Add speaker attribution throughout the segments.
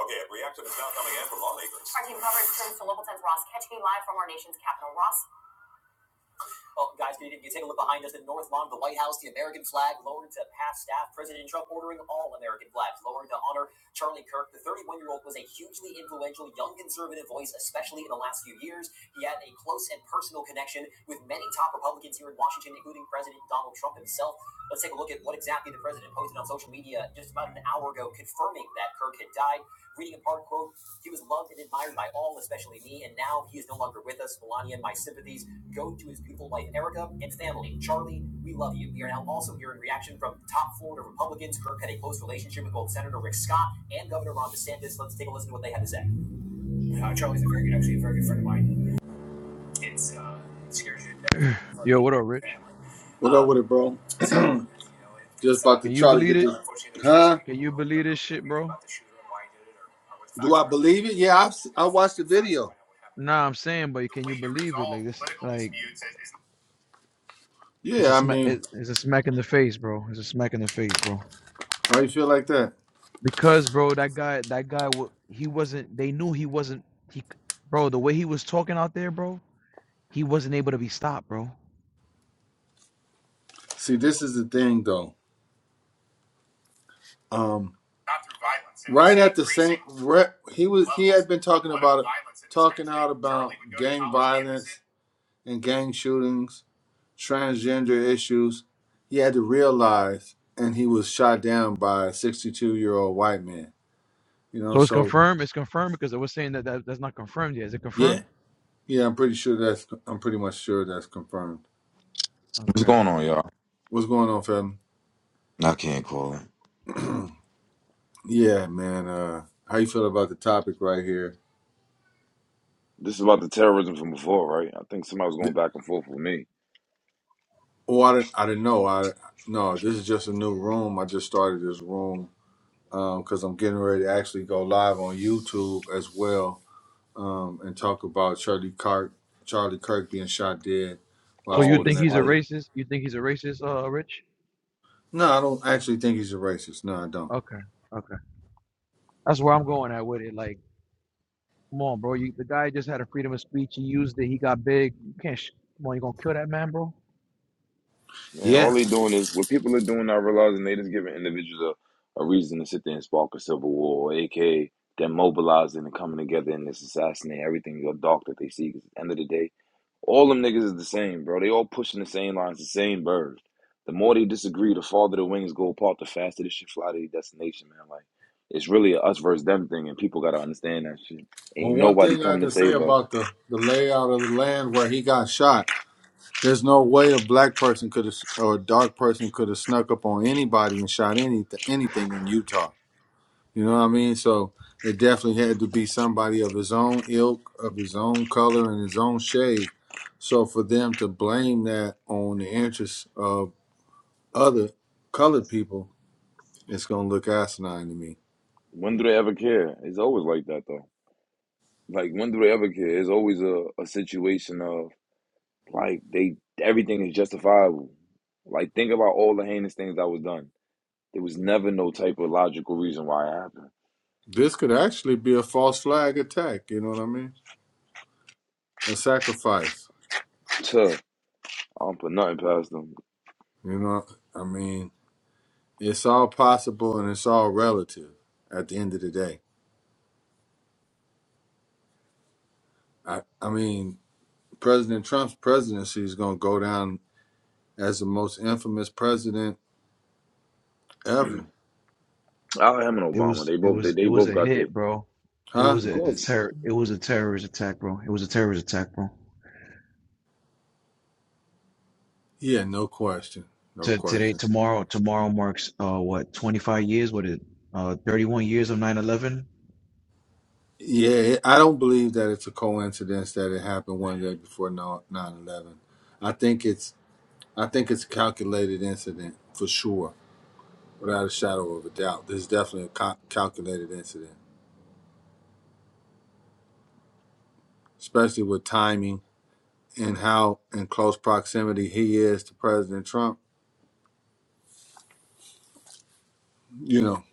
Speaker 1: Okay, a reaction is now coming in from lawmakers.
Speaker 2: Yo, what up, Rich?
Speaker 1: What up with it, bro? Just about to
Speaker 2: Can you
Speaker 1: try to
Speaker 2: believe
Speaker 1: get this.
Speaker 2: it?
Speaker 1: Huh?
Speaker 2: Can you believe this shit, bro?
Speaker 1: Do I believe it? Yeah, I've, si watched the video.
Speaker 2: Nah, I'm saying, but can you believe it? Like this, like it's
Speaker 1: Yeah,
Speaker 2: a
Speaker 1: I
Speaker 2: smack.
Speaker 1: mean,
Speaker 2: It, it's a smack in the face, bro. It's a smack in the face, bro.
Speaker 1: how you feel like that?
Speaker 2: Because, bro, that guy, that guy, wa- he wasn't. They knew he wasn't. He, c- bro, the way he was talking out there, bro, he wasn't able to be stopped, bro.
Speaker 1: See, this is the thing, though. Um, right at the same, re, he was he had been talking about it, talking out about gang violence and gang shootings. transgender issues, he had to realize, and he was shot down by a 62 year old white man. You know,
Speaker 2: So it's
Speaker 1: so
Speaker 2: confirmed. It's confirmed because it was saying that, that that's not confirmed yet. Is it
Speaker 1: yeah,
Speaker 2: confirmed?
Speaker 1: yeah, I'm pretty sure that's, I'm pretty much sure that's confirmed.
Speaker 3: What's
Speaker 2: Okay.
Speaker 3: going on, y'all?
Speaker 1: What's going on, fam?
Speaker 3: I can't call it.
Speaker 1: Yeah, man. Uh, how you feel about the topic right here?
Speaker 3: This is about the terrorism from before, right? I think somebody was going
Speaker 1: Th-
Speaker 3: back and forth with me.
Speaker 1: Oh, I didn't, I didn't know. I no, this is just a new room. I just started this room because I'm getting ready to actually go live on YouTube as well um, and talk about Charlie Kirk, Charlie Kirk being shot dead
Speaker 2: So
Speaker 1: while
Speaker 2: you
Speaker 3: Oh,
Speaker 1: speaking
Speaker 2: think
Speaker 3: this
Speaker 1: at
Speaker 2: he's
Speaker 1: the.
Speaker 2: a
Speaker 3: fight.
Speaker 1: U-
Speaker 2: racist? You think he's a racist, uh, Rich?
Speaker 1: No, I don't actually think he's a racist. No, I don't.
Speaker 2: Okay. Okay. That's where I'm going at with it. Like. Come on, bro. You, the guy just had a freedom of speech. He used it. He got big. You can't. Sh- Come on, you gonna kill that man, bro?
Speaker 3: Man, all
Speaker 1: Yeah.
Speaker 3: they doing is what people are doing, not realizing they just giving individuals a, a reason to sit there and spark a civil war, aka they're mobilizing and coming together and just assassinating everything your dark that they see. 'Cause at the end of the day, all them niggas is the same, bro. They all pushing the same lines, the same bird. The more they disagree, the farther the wings go apart, the faster this shit fly to their destination, man. Like it's really a us versus them thing, and people gotta understand that shit.
Speaker 1: Well,
Speaker 3: Ain't
Speaker 1: one
Speaker 3: nobody
Speaker 1: thing I
Speaker 3: coming to
Speaker 1: can say
Speaker 3: save us.
Speaker 1: about the the layout of the land where he got shot, there's no way a black person could have or a dark person could have snuck up on anybody and shot any anything in Utah. You know what I mean? So it definitely had to be somebody of his own ilk, of his own color, and his own shade. So for them to blame that on the interests of other colored people, it's going to look asinine to me.
Speaker 3: When do they ever care? It's always like that though. Like when do they ever care? It's always a, a situation of like they everything is justifiable. Like think about all the heinous things that was done. There was never no type of logical reason why it happened.
Speaker 1: This could actually be a false flag attack. You know what I mean? A sacrifice.
Speaker 3: Tuh, I don't put nothing past them.
Speaker 1: You know, I mean, it's all possible and it's all relative at the end of the day. I, I mean, President Trump's presidency is going to go down as the most infamous president ever.
Speaker 3: I him and
Speaker 2: It
Speaker 3: Obama.
Speaker 2: was
Speaker 3: They
Speaker 2: it
Speaker 3: both they,
Speaker 2: was it
Speaker 3: they
Speaker 2: was
Speaker 3: both
Speaker 2: a
Speaker 3: got their
Speaker 2: hit, bro. It
Speaker 1: Huh?
Speaker 2: was
Speaker 3: of
Speaker 2: a
Speaker 3: course
Speaker 2: terror. It was a terrorist attack, bro. It was a terrorist attack, bro.
Speaker 1: Yeah, no question. No
Speaker 2: To today,
Speaker 1: question.
Speaker 2: tomorrow, tomorrow marks uh what twenty five years? What is it? Uh, thirty one years of nine eleven.
Speaker 1: Yeah, I don't believe that it's a coincidence that it happened one day before no, 9 11. I think it's I think it's a calculated incident for sure, without a shadow of a doubt. This is definitely a cal- calculated incident, especially with timing and how in close proximity he is to President Trump. You know,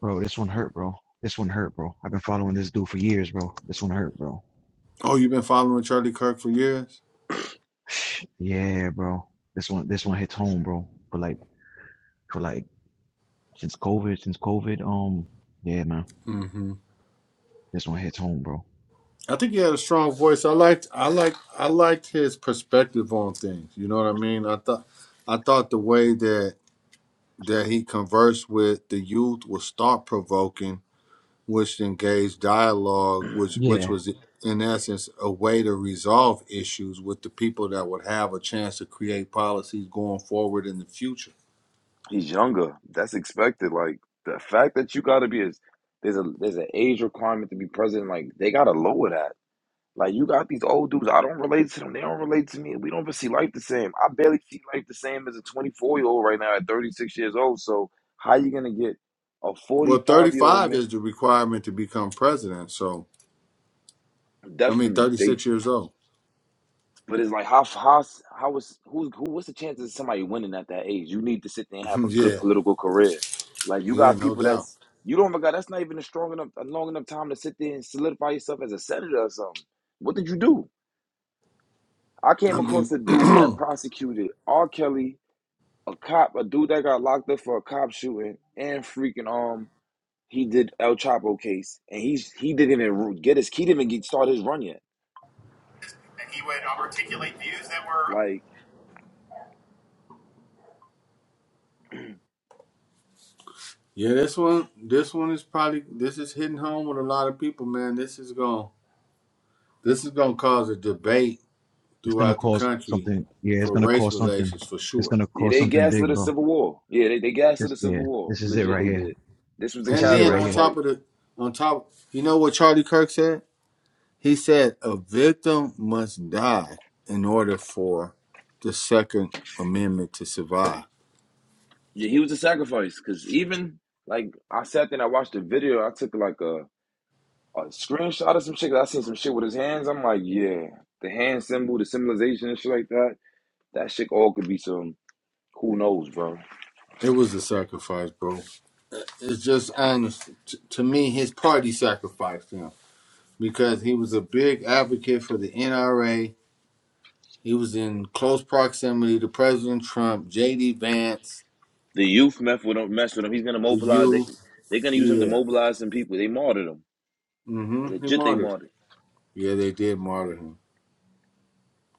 Speaker 2: Bro, this one hurt, bro. This one hurt, bro. I've been following this dude for years, bro. This one hurt, bro.
Speaker 1: oh, you've been following Charlie Kirk for years.
Speaker 2: Yeah, bro. This one, this one hits home, bro. For like, for like, since COVID, since COVID, um, yeah, man.
Speaker 1: hmm
Speaker 2: This one hits home, bro.
Speaker 1: I think he had a strong voice. I liked, I liked, I liked his perspective on things. You know what I mean? I thought, I thought the way that that he conversed with the youth was thought provoking which engaged dialogue, which which
Speaker 2: Yeah,
Speaker 1: was in essence a way to resolve issues with the people that would have a chance to create policies going forward in the future.
Speaker 3: he's younger. That's expected. Like the fact that you gotta be is there's a there's an age requirement to be president, like they gotta lower that. Like you got these old dudes. I don't relate to them. They don't relate to me. We don't even see life the same. I barely see life the same as a 24 year old right now at 36 years old. So how you gonna get a
Speaker 1: Well,
Speaker 3: 45 year old
Speaker 1: 35
Speaker 3: man?
Speaker 1: is the requirement to become president. So, I mean,
Speaker 3: Definitely. They.
Speaker 1: 36 years old.
Speaker 3: But it's like how how how was who who what's the chances of somebody winning at that age? You need to sit there and have a good
Speaker 1: yeah,
Speaker 3: political career. Like you
Speaker 1: yeah,
Speaker 3: got
Speaker 1: no
Speaker 3: people
Speaker 1: doubt.
Speaker 3: that's you don't even got that's not even a strong enough a long enough time to sit there and solidify yourself as a senator or something. What did you do? I came
Speaker 1: I
Speaker 3: across
Speaker 1: mean,
Speaker 3: a
Speaker 1: And
Speaker 3: dude that prosecuted R. Kelly a cop, a dude that got locked up for a cop shooting, and freaking um, he did El Chapo case, and he's he didn't even get his he didn't even get start his run yet.
Speaker 1: he would um, articulate views that were
Speaker 3: Like,
Speaker 1: yeah, this one, this one is probably this is hitting home with a lot of people, man. This is going, to this is going to cause a debate
Speaker 2: it's gonna
Speaker 1: throughout the
Speaker 2: cause
Speaker 1: country
Speaker 2: something. Yeah, it's
Speaker 1: for
Speaker 2: gonna
Speaker 1: race
Speaker 2: cause something.
Speaker 1: relations for
Speaker 2: It's
Speaker 1: sure.
Speaker 2: gonna
Speaker 3: yeah,
Speaker 2: cause
Speaker 3: they
Speaker 2: something
Speaker 3: gaslit
Speaker 2: big,
Speaker 3: the
Speaker 2: bro.
Speaker 3: Civil War. Yeah, they they gaslit the
Speaker 2: This,
Speaker 3: Civil
Speaker 2: yeah,
Speaker 3: War.
Speaker 2: this is it
Speaker 3: Legit,
Speaker 2: right
Speaker 3: they
Speaker 2: here.
Speaker 3: did. This was the
Speaker 2: This
Speaker 1: And
Speaker 2: is it
Speaker 1: then
Speaker 2: right
Speaker 1: on
Speaker 3: catalyst.
Speaker 2: here.
Speaker 3: Like,
Speaker 1: top of the on top, you know what Charlie Kirk said? He said a victim must die in order for the Second Amendment to survive.
Speaker 3: yeah, he was a sacrifice because even like I sat there and I watched the video. I took like a a screenshot of some shit. 'cause I seen some shit with his hands. I'm like, yeah, the hand symbol, the symbolization and shit like that. That shit all could be some who knows, bro.
Speaker 1: It was a sacrifice, bro. It's just honest. T- to me, his party sacrificed him because he was a big advocate for the NRA. He was in close proximity to President Trump, J.D. Vance,
Speaker 3: The youth meth will don't mess with him. He's gonna
Speaker 1: to
Speaker 3: mobilize. They
Speaker 1: you.
Speaker 3: they're gonna use him to
Speaker 1: Yeah.
Speaker 3: mobilize some people. They martyred him.
Speaker 1: hmm He
Speaker 3: Legit, they
Speaker 1: martyred.
Speaker 3: martyred.
Speaker 1: Yeah, they did martyr him.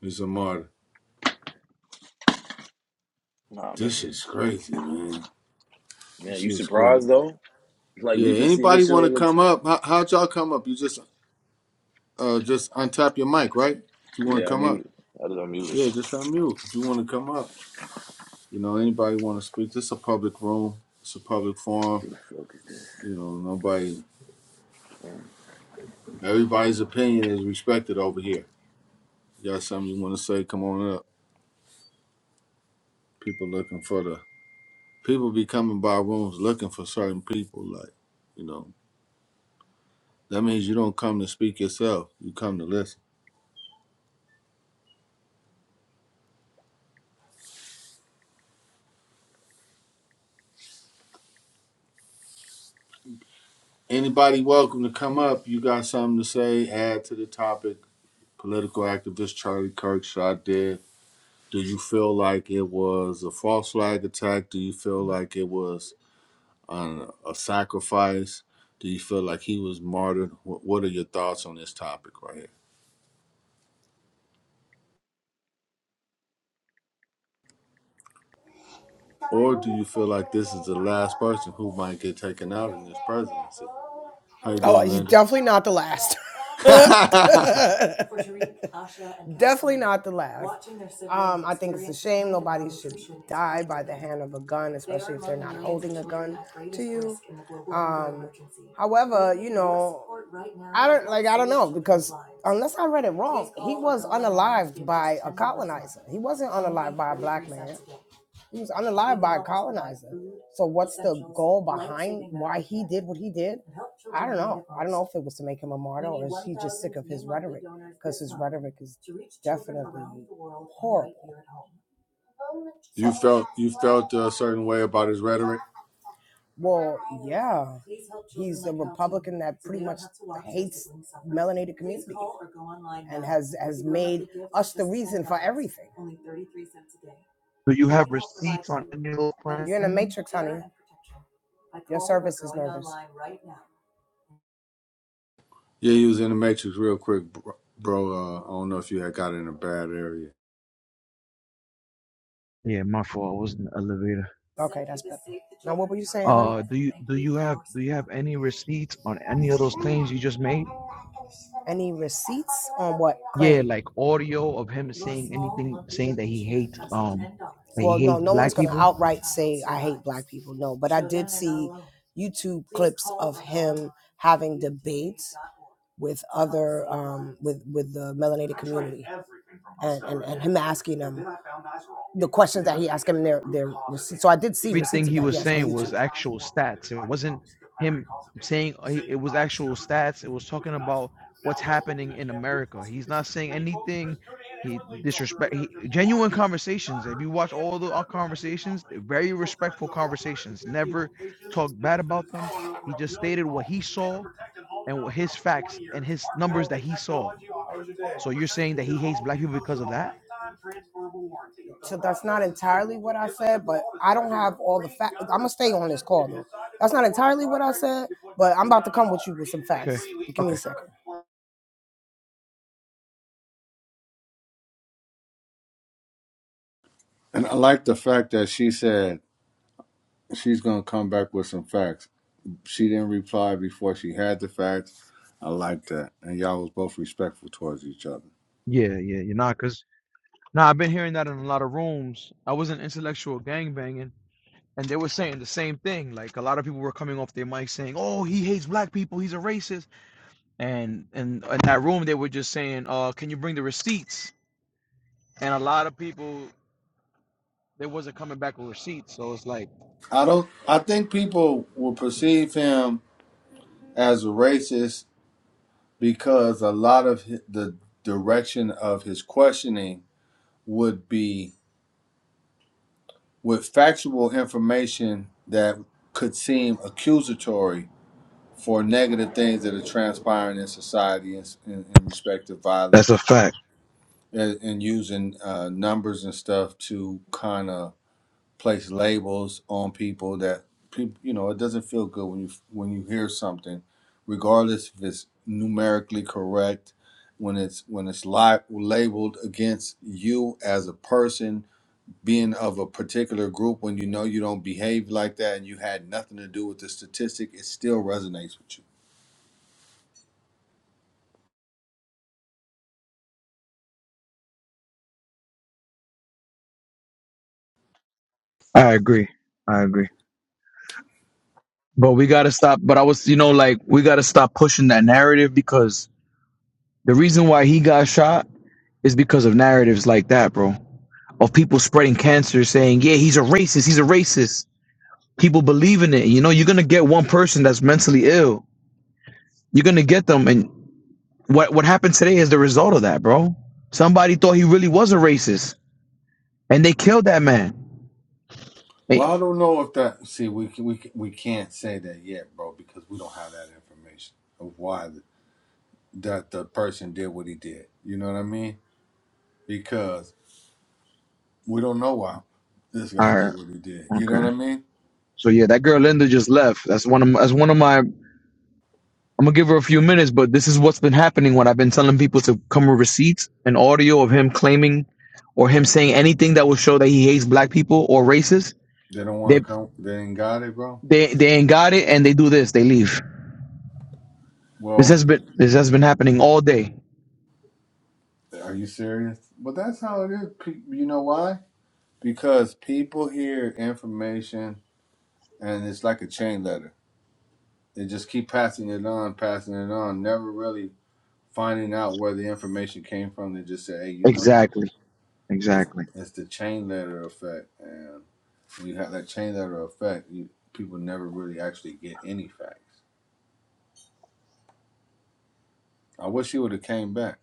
Speaker 1: He's a martyr.
Speaker 3: Nah,
Speaker 1: This
Speaker 3: man.
Speaker 1: shit's crazy, man. This
Speaker 3: Man, you
Speaker 1: shit's crazy.
Speaker 3: surprised though? Like
Speaker 1: Yeah,
Speaker 3: we've been seeing
Speaker 1: anybody
Speaker 3: this shit
Speaker 1: want to
Speaker 3: all the
Speaker 1: come
Speaker 3: time.
Speaker 1: up? How, how'd y'all come up? You just uh just untap your mic, right? If you want
Speaker 3: Yeah,
Speaker 1: to
Speaker 3: I'm
Speaker 1: come up.
Speaker 3: muted. I just
Speaker 1: Yeah,
Speaker 3: unmuted.
Speaker 1: just unmute. If you want to come up. You know, anybody want to speak? This is a public room. It's a public forum.
Speaker 3: Who the fuck is
Speaker 1: You
Speaker 3: this?
Speaker 1: know, nobody, everybody's opinion is respected over here. You got something you want to say? Come on up. People looking for the, people be coming by rooms looking for certain people. Like, you know. That means you don't come to speak yourself. You come to listen. Anybody welcome to come up. You got something to say, add to the topic. Political activist Charlie Kirk shot dead. Do you feel like it was a false flag attack? Do you feel like it was uh, a sacrifice? Do you feel like he was martyred? What are your thoughts on this topic right here?
Speaker 4: طبعا
Speaker 1: Or
Speaker 4: مو
Speaker 1: do
Speaker 4: بس
Speaker 1: you feel
Speaker 4: شخص
Speaker 1: like this is
Speaker 4: يعترض
Speaker 1: the
Speaker 4: على
Speaker 1: last person
Speaker 4: أخواتك
Speaker 1: who might get taken out in this presidency? How you
Speaker 4: Oh,
Speaker 1: doing,
Speaker 4: he's definitely not the last.
Speaker 1: Linda?
Speaker 4: definitely not the last. Um, I think it's a shame nobody should die by the hand of a gun, especially if they're not holding a gun to you. Um, however, you know, I don't like. I don't know because unless I read it wrong, he was unalived by a colonizer. He wasn't unalived by a black man. He was unalive by a colonizer. So what's the goal behind why he did what he did? I don't know. I don't know if it was to make him a martyr or is he just sick of his rhetoric because his rhetoric is definitely horrible. So-
Speaker 1: You felt you felt a certain way about his rhetoric.
Speaker 4: well, yeah. He's a Republican that pretty much hates melanated communities and has has made us the reason for everything.
Speaker 2: Do you have receipts on any of those claims?
Speaker 4: matrix,
Speaker 1: Yeah, he was in the matrix real quick, bro. bro, Uh, I don't know if you had got in a bad area.
Speaker 2: Yeah, my fault. I was in the elevator. Uh, do you do you have do you have any receipts on any of those claims you just made?
Speaker 4: Any receipts on what
Speaker 2: Yeah,
Speaker 4: claim?
Speaker 2: like audio of him saying anything, saying that he hates um
Speaker 4: dollars.
Speaker 2: that he
Speaker 4: Well, no,
Speaker 2: hates
Speaker 4: no one's
Speaker 2: black
Speaker 4: going
Speaker 2: people.
Speaker 4: outright say I hate black people. No, but I did see YouTube clips of him having debates with other um with with the melanated community and and, him asking them the questions that he asked him their their So I did see
Speaker 2: Everything
Speaker 4: receipts
Speaker 2: he
Speaker 4: of that,
Speaker 2: was
Speaker 4: yes, on
Speaker 2: saying was
Speaker 4: YouTube.
Speaker 2: actual stats. It wasn't him saying uh, it was actual stats. It was talking about what's happening in America. He's not saying anything. He disrespect. He, genuine conversations. If you watch all the our conversations, they're very respectful conversations. Never talked bad about them. He just stated what he saw and what his facts and his numbers that he saw. So you're saying that he hates black people because of that?
Speaker 4: entirely what gonna you
Speaker 2: Okay. Okay.
Speaker 1: And I like the fact that she said she's gonna come back with some facts. She didn't reply before she had the facts. I like that, and y'all was both respectful towards each other.
Speaker 2: Yeah, yeah, you're not cuz now I've been hearing that in a lot of rooms. I was in intellectual gangbanging and they were saying the same thing. Like a lot of people were coming off their mic saying, "Oh, he hates black people. He's a racist." And and in that room they were just saying, "Uh, can you bring the receipts?" And a lot of people they wasn't coming back with receipts. So it's like
Speaker 1: I don't. I think people will perceive him as a racist because a lot of hi- the direction of his questioning would be with factual information that could seem accusatory for negative things that are transpiring in society in, in, in respect to
Speaker 2: That's
Speaker 1: violence
Speaker 2: a fact.
Speaker 1: and, and using uh, numbers and stuff to kind of place labels on people that people you know it doesn't feel good when you when you hear something regardless if it's numerically correct when it's when it's li- labeled against you as a person being of a particular group when you know you don't behave like that and you had nothing to do with the statistic, it still resonates with you.
Speaker 2: I agree. I agree. But we got to stop but I was, you know, like we got to stop pushing that narrative because The reason why he got shot is because of narratives like that, bro. Of people spreading cancer saying, yeah, he's a racist, he's a racist. People believe in it. You know, you're going to get one person that's mentally ill. You're going to get them. And what, what happened today is the result of that, bro. Somebody thought he really was a racist and they killed that man. Hey,
Speaker 1: Well, I don't know if that. See, we can- we can- we can't say that yet, bro, because we don't have that information of why the, that the person did what he did. You know what I mean? Because we don't know why this guy
Speaker 2: all right.
Speaker 1: did what he did. You know
Speaker 2: Okay.
Speaker 1: what I mean?
Speaker 2: So yeah, that girl Linda just left. That's one of my, that's one of my I'm gonna give her a few minutes, but this is what's been happening when I've been telling people to come with receipts and audio of him claiming or him saying anything that will show that he hates black people or races.
Speaker 1: They don't
Speaker 2: They
Speaker 1: want to come. They ain't got it, bro.
Speaker 2: they they ain't got it and they do this, they leave. This
Speaker 1: Well,
Speaker 2: has been this has been happening all day.
Speaker 1: are you serious? But that's how it is. Pe- You know why? Because people hear information and it's like a chain letter. They just keep passing it on, passing it on, never really finding out where the information came from. They just say, "Hey, you know,
Speaker 2: Exactly.
Speaker 1: it's
Speaker 2: Exactly.
Speaker 1: it's the chain letter effect," and when you have that chain letter effect, you people never really actually get any facts. I wish he would have came back.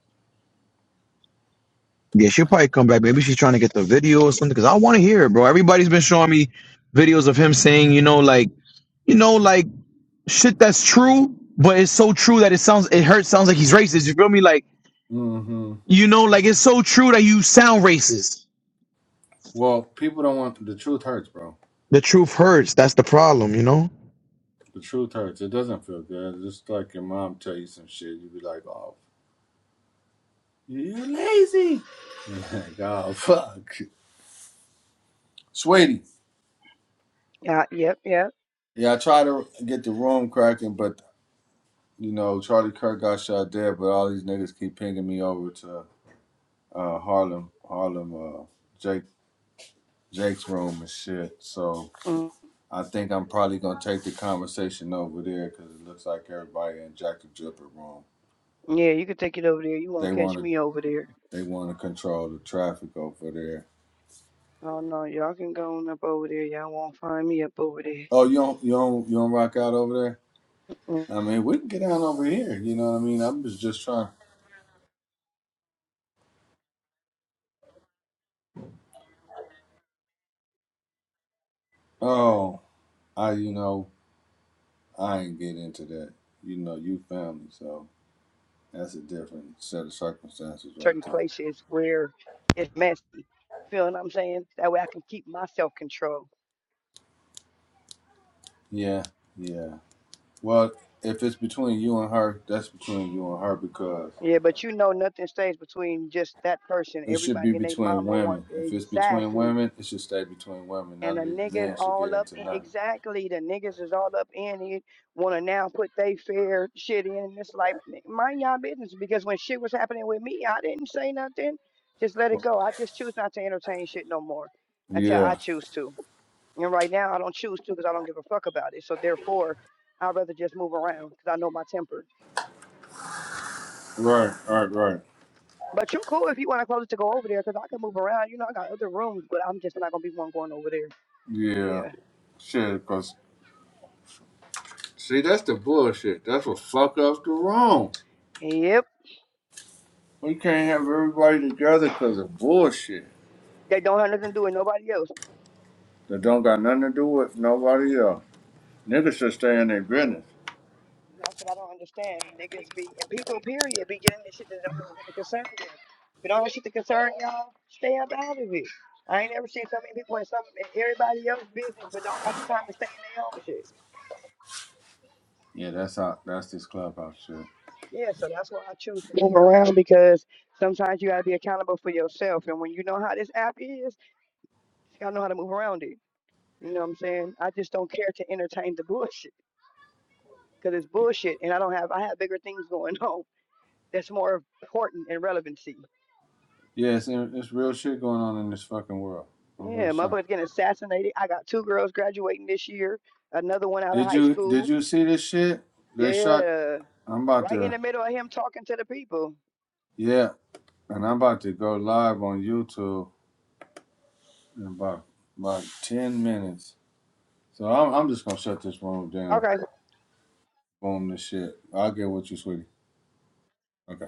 Speaker 2: Yeah, she'll probably come back. Maybe she's trying to get the video or something. Cause I want to hear it, bro. Everybody's been showing me videos of him saying, you know, like, you know, like shit that's true, but it's so true that it sounds it hurts, sounds like he's racist. You feel me? Like
Speaker 1: mm hmm
Speaker 2: You know, like it's so true that you sound racist.
Speaker 1: Well, people don't want the truth hurts, bro.
Speaker 2: The truth hurts. That's the problem, you know?
Speaker 1: The truth hurts. It doesn't feel good. It's just like your mom tell you some shit, you be like, "Oh, you're lazy." Like, oh fuck, sweetie.
Speaker 5: Uh, yep, yep.
Speaker 1: Yeah, I try to get the room cracking, but you know, Charlie Kirk got shot dead, but all these niggas keep pinging me over to uh Harlem Harlem uh Jake Jake's room and shit. So
Speaker 5: Mm,
Speaker 1: I think I'm probably gonna take the conversation over there because it looks like everybody in Jack the Dripper room.
Speaker 5: yeah, you can take it over there. You
Speaker 1: They
Speaker 5: won't catch
Speaker 1: wanna
Speaker 5: me over there.
Speaker 1: they wanna control the traffic over there.
Speaker 5: Oh no, y'all can go on up over there. Y'all won't find me up over there.
Speaker 1: Oh, you don't you don't you don't rock out over there?
Speaker 5: Mm,
Speaker 1: I mean, we can get down over here. You know what I mean? I'm just just trying. Oh, I you know. I ain't get into that. You know, you family, so that's a different set of circumstances right
Speaker 5: Certain
Speaker 1: there.
Speaker 5: places where it's messy. Feel what I'm saying? That way I can keep my self control.
Speaker 1: Yeah, yeah. Well, if it's between you and her, that's between you and her because
Speaker 5: Yeah, but you know nothing stays between just that person.
Speaker 1: it should be
Speaker 5: Everybody and their
Speaker 1: between
Speaker 5: mama want
Speaker 1: women. If it's between
Speaker 5: exactly
Speaker 1: women, it should stay between women.
Speaker 5: And the
Speaker 1: None of these
Speaker 5: niggas
Speaker 1: men should get
Speaker 5: all up
Speaker 1: into
Speaker 5: in,
Speaker 1: nothing.
Speaker 5: exactly the niggas is all up in it, wanna now put they fair shit in. And it's like "N- mind y'all business because when shit was happening with me, I didn't say nothing. Just let it go. I just choose not to entertain shit no more until I
Speaker 1: Yeah,
Speaker 5: choose to. And right now I don't choose to because I don't give a fuck about it. So therefore, I'd rather just move around because I know my temper.
Speaker 1: right, right, right.
Speaker 5: But you cool if you want to close it to go over there because I can move around. You know, I got other rooms, but I'm just not gonna be one going over there.
Speaker 1: Yeah,
Speaker 5: Yeah.
Speaker 1: shit, because see, that's the bullshit. That's what fuck up the wrong.
Speaker 5: Yep.
Speaker 1: We can't have everybody together because of bullshit.
Speaker 5: They don't have nothing to do with nobody else.
Speaker 1: That don't got nothing to do with nobody else. Niggas should stay in their business.
Speaker 5: And That's what I don't understand. Niggas be and people period be getting this shit that don't have nothing to concern them. If it don't have shit to concern y'all, stay up out of it. I ain't ever seen so many people in some in everybody else's business but don't got the time to stay in their own shit.
Speaker 1: Yeah, that's how. That's this clubhouse shit.
Speaker 5: Yeah, so that's why I choose to move around because sometimes you gotta be accountable for yourself and when you know how this app is, you gotta know how to move around it. You know what I'm saying? I just don't care to entertain the bullshit because it's
Speaker 1: Yeah,
Speaker 5: bullshit and I don't have I have bigger things going on that's more important and relevancy.
Speaker 1: yeah, it's, it's real shit going on in this fucking world.
Speaker 5: Yeah,
Speaker 1: Motherfucker, son.
Speaker 5: motherfuckers getting assassinated. I got two girls graduating this year, another one out of
Speaker 1: Did
Speaker 5: high
Speaker 1: you did
Speaker 5: school.
Speaker 1: you see this shit? They shot.
Speaker 5: Yeah,
Speaker 1: I'm about
Speaker 5: right in
Speaker 1: to.
Speaker 5: the middle of him talking to the people.
Speaker 1: Yeah, and I'm about to go live on YouTube in about about ten minutes. So I'm I'm just gonna shut this room down.
Speaker 5: Okay.
Speaker 1: Boom, this shit. I'll get with you, sweetie. Okay.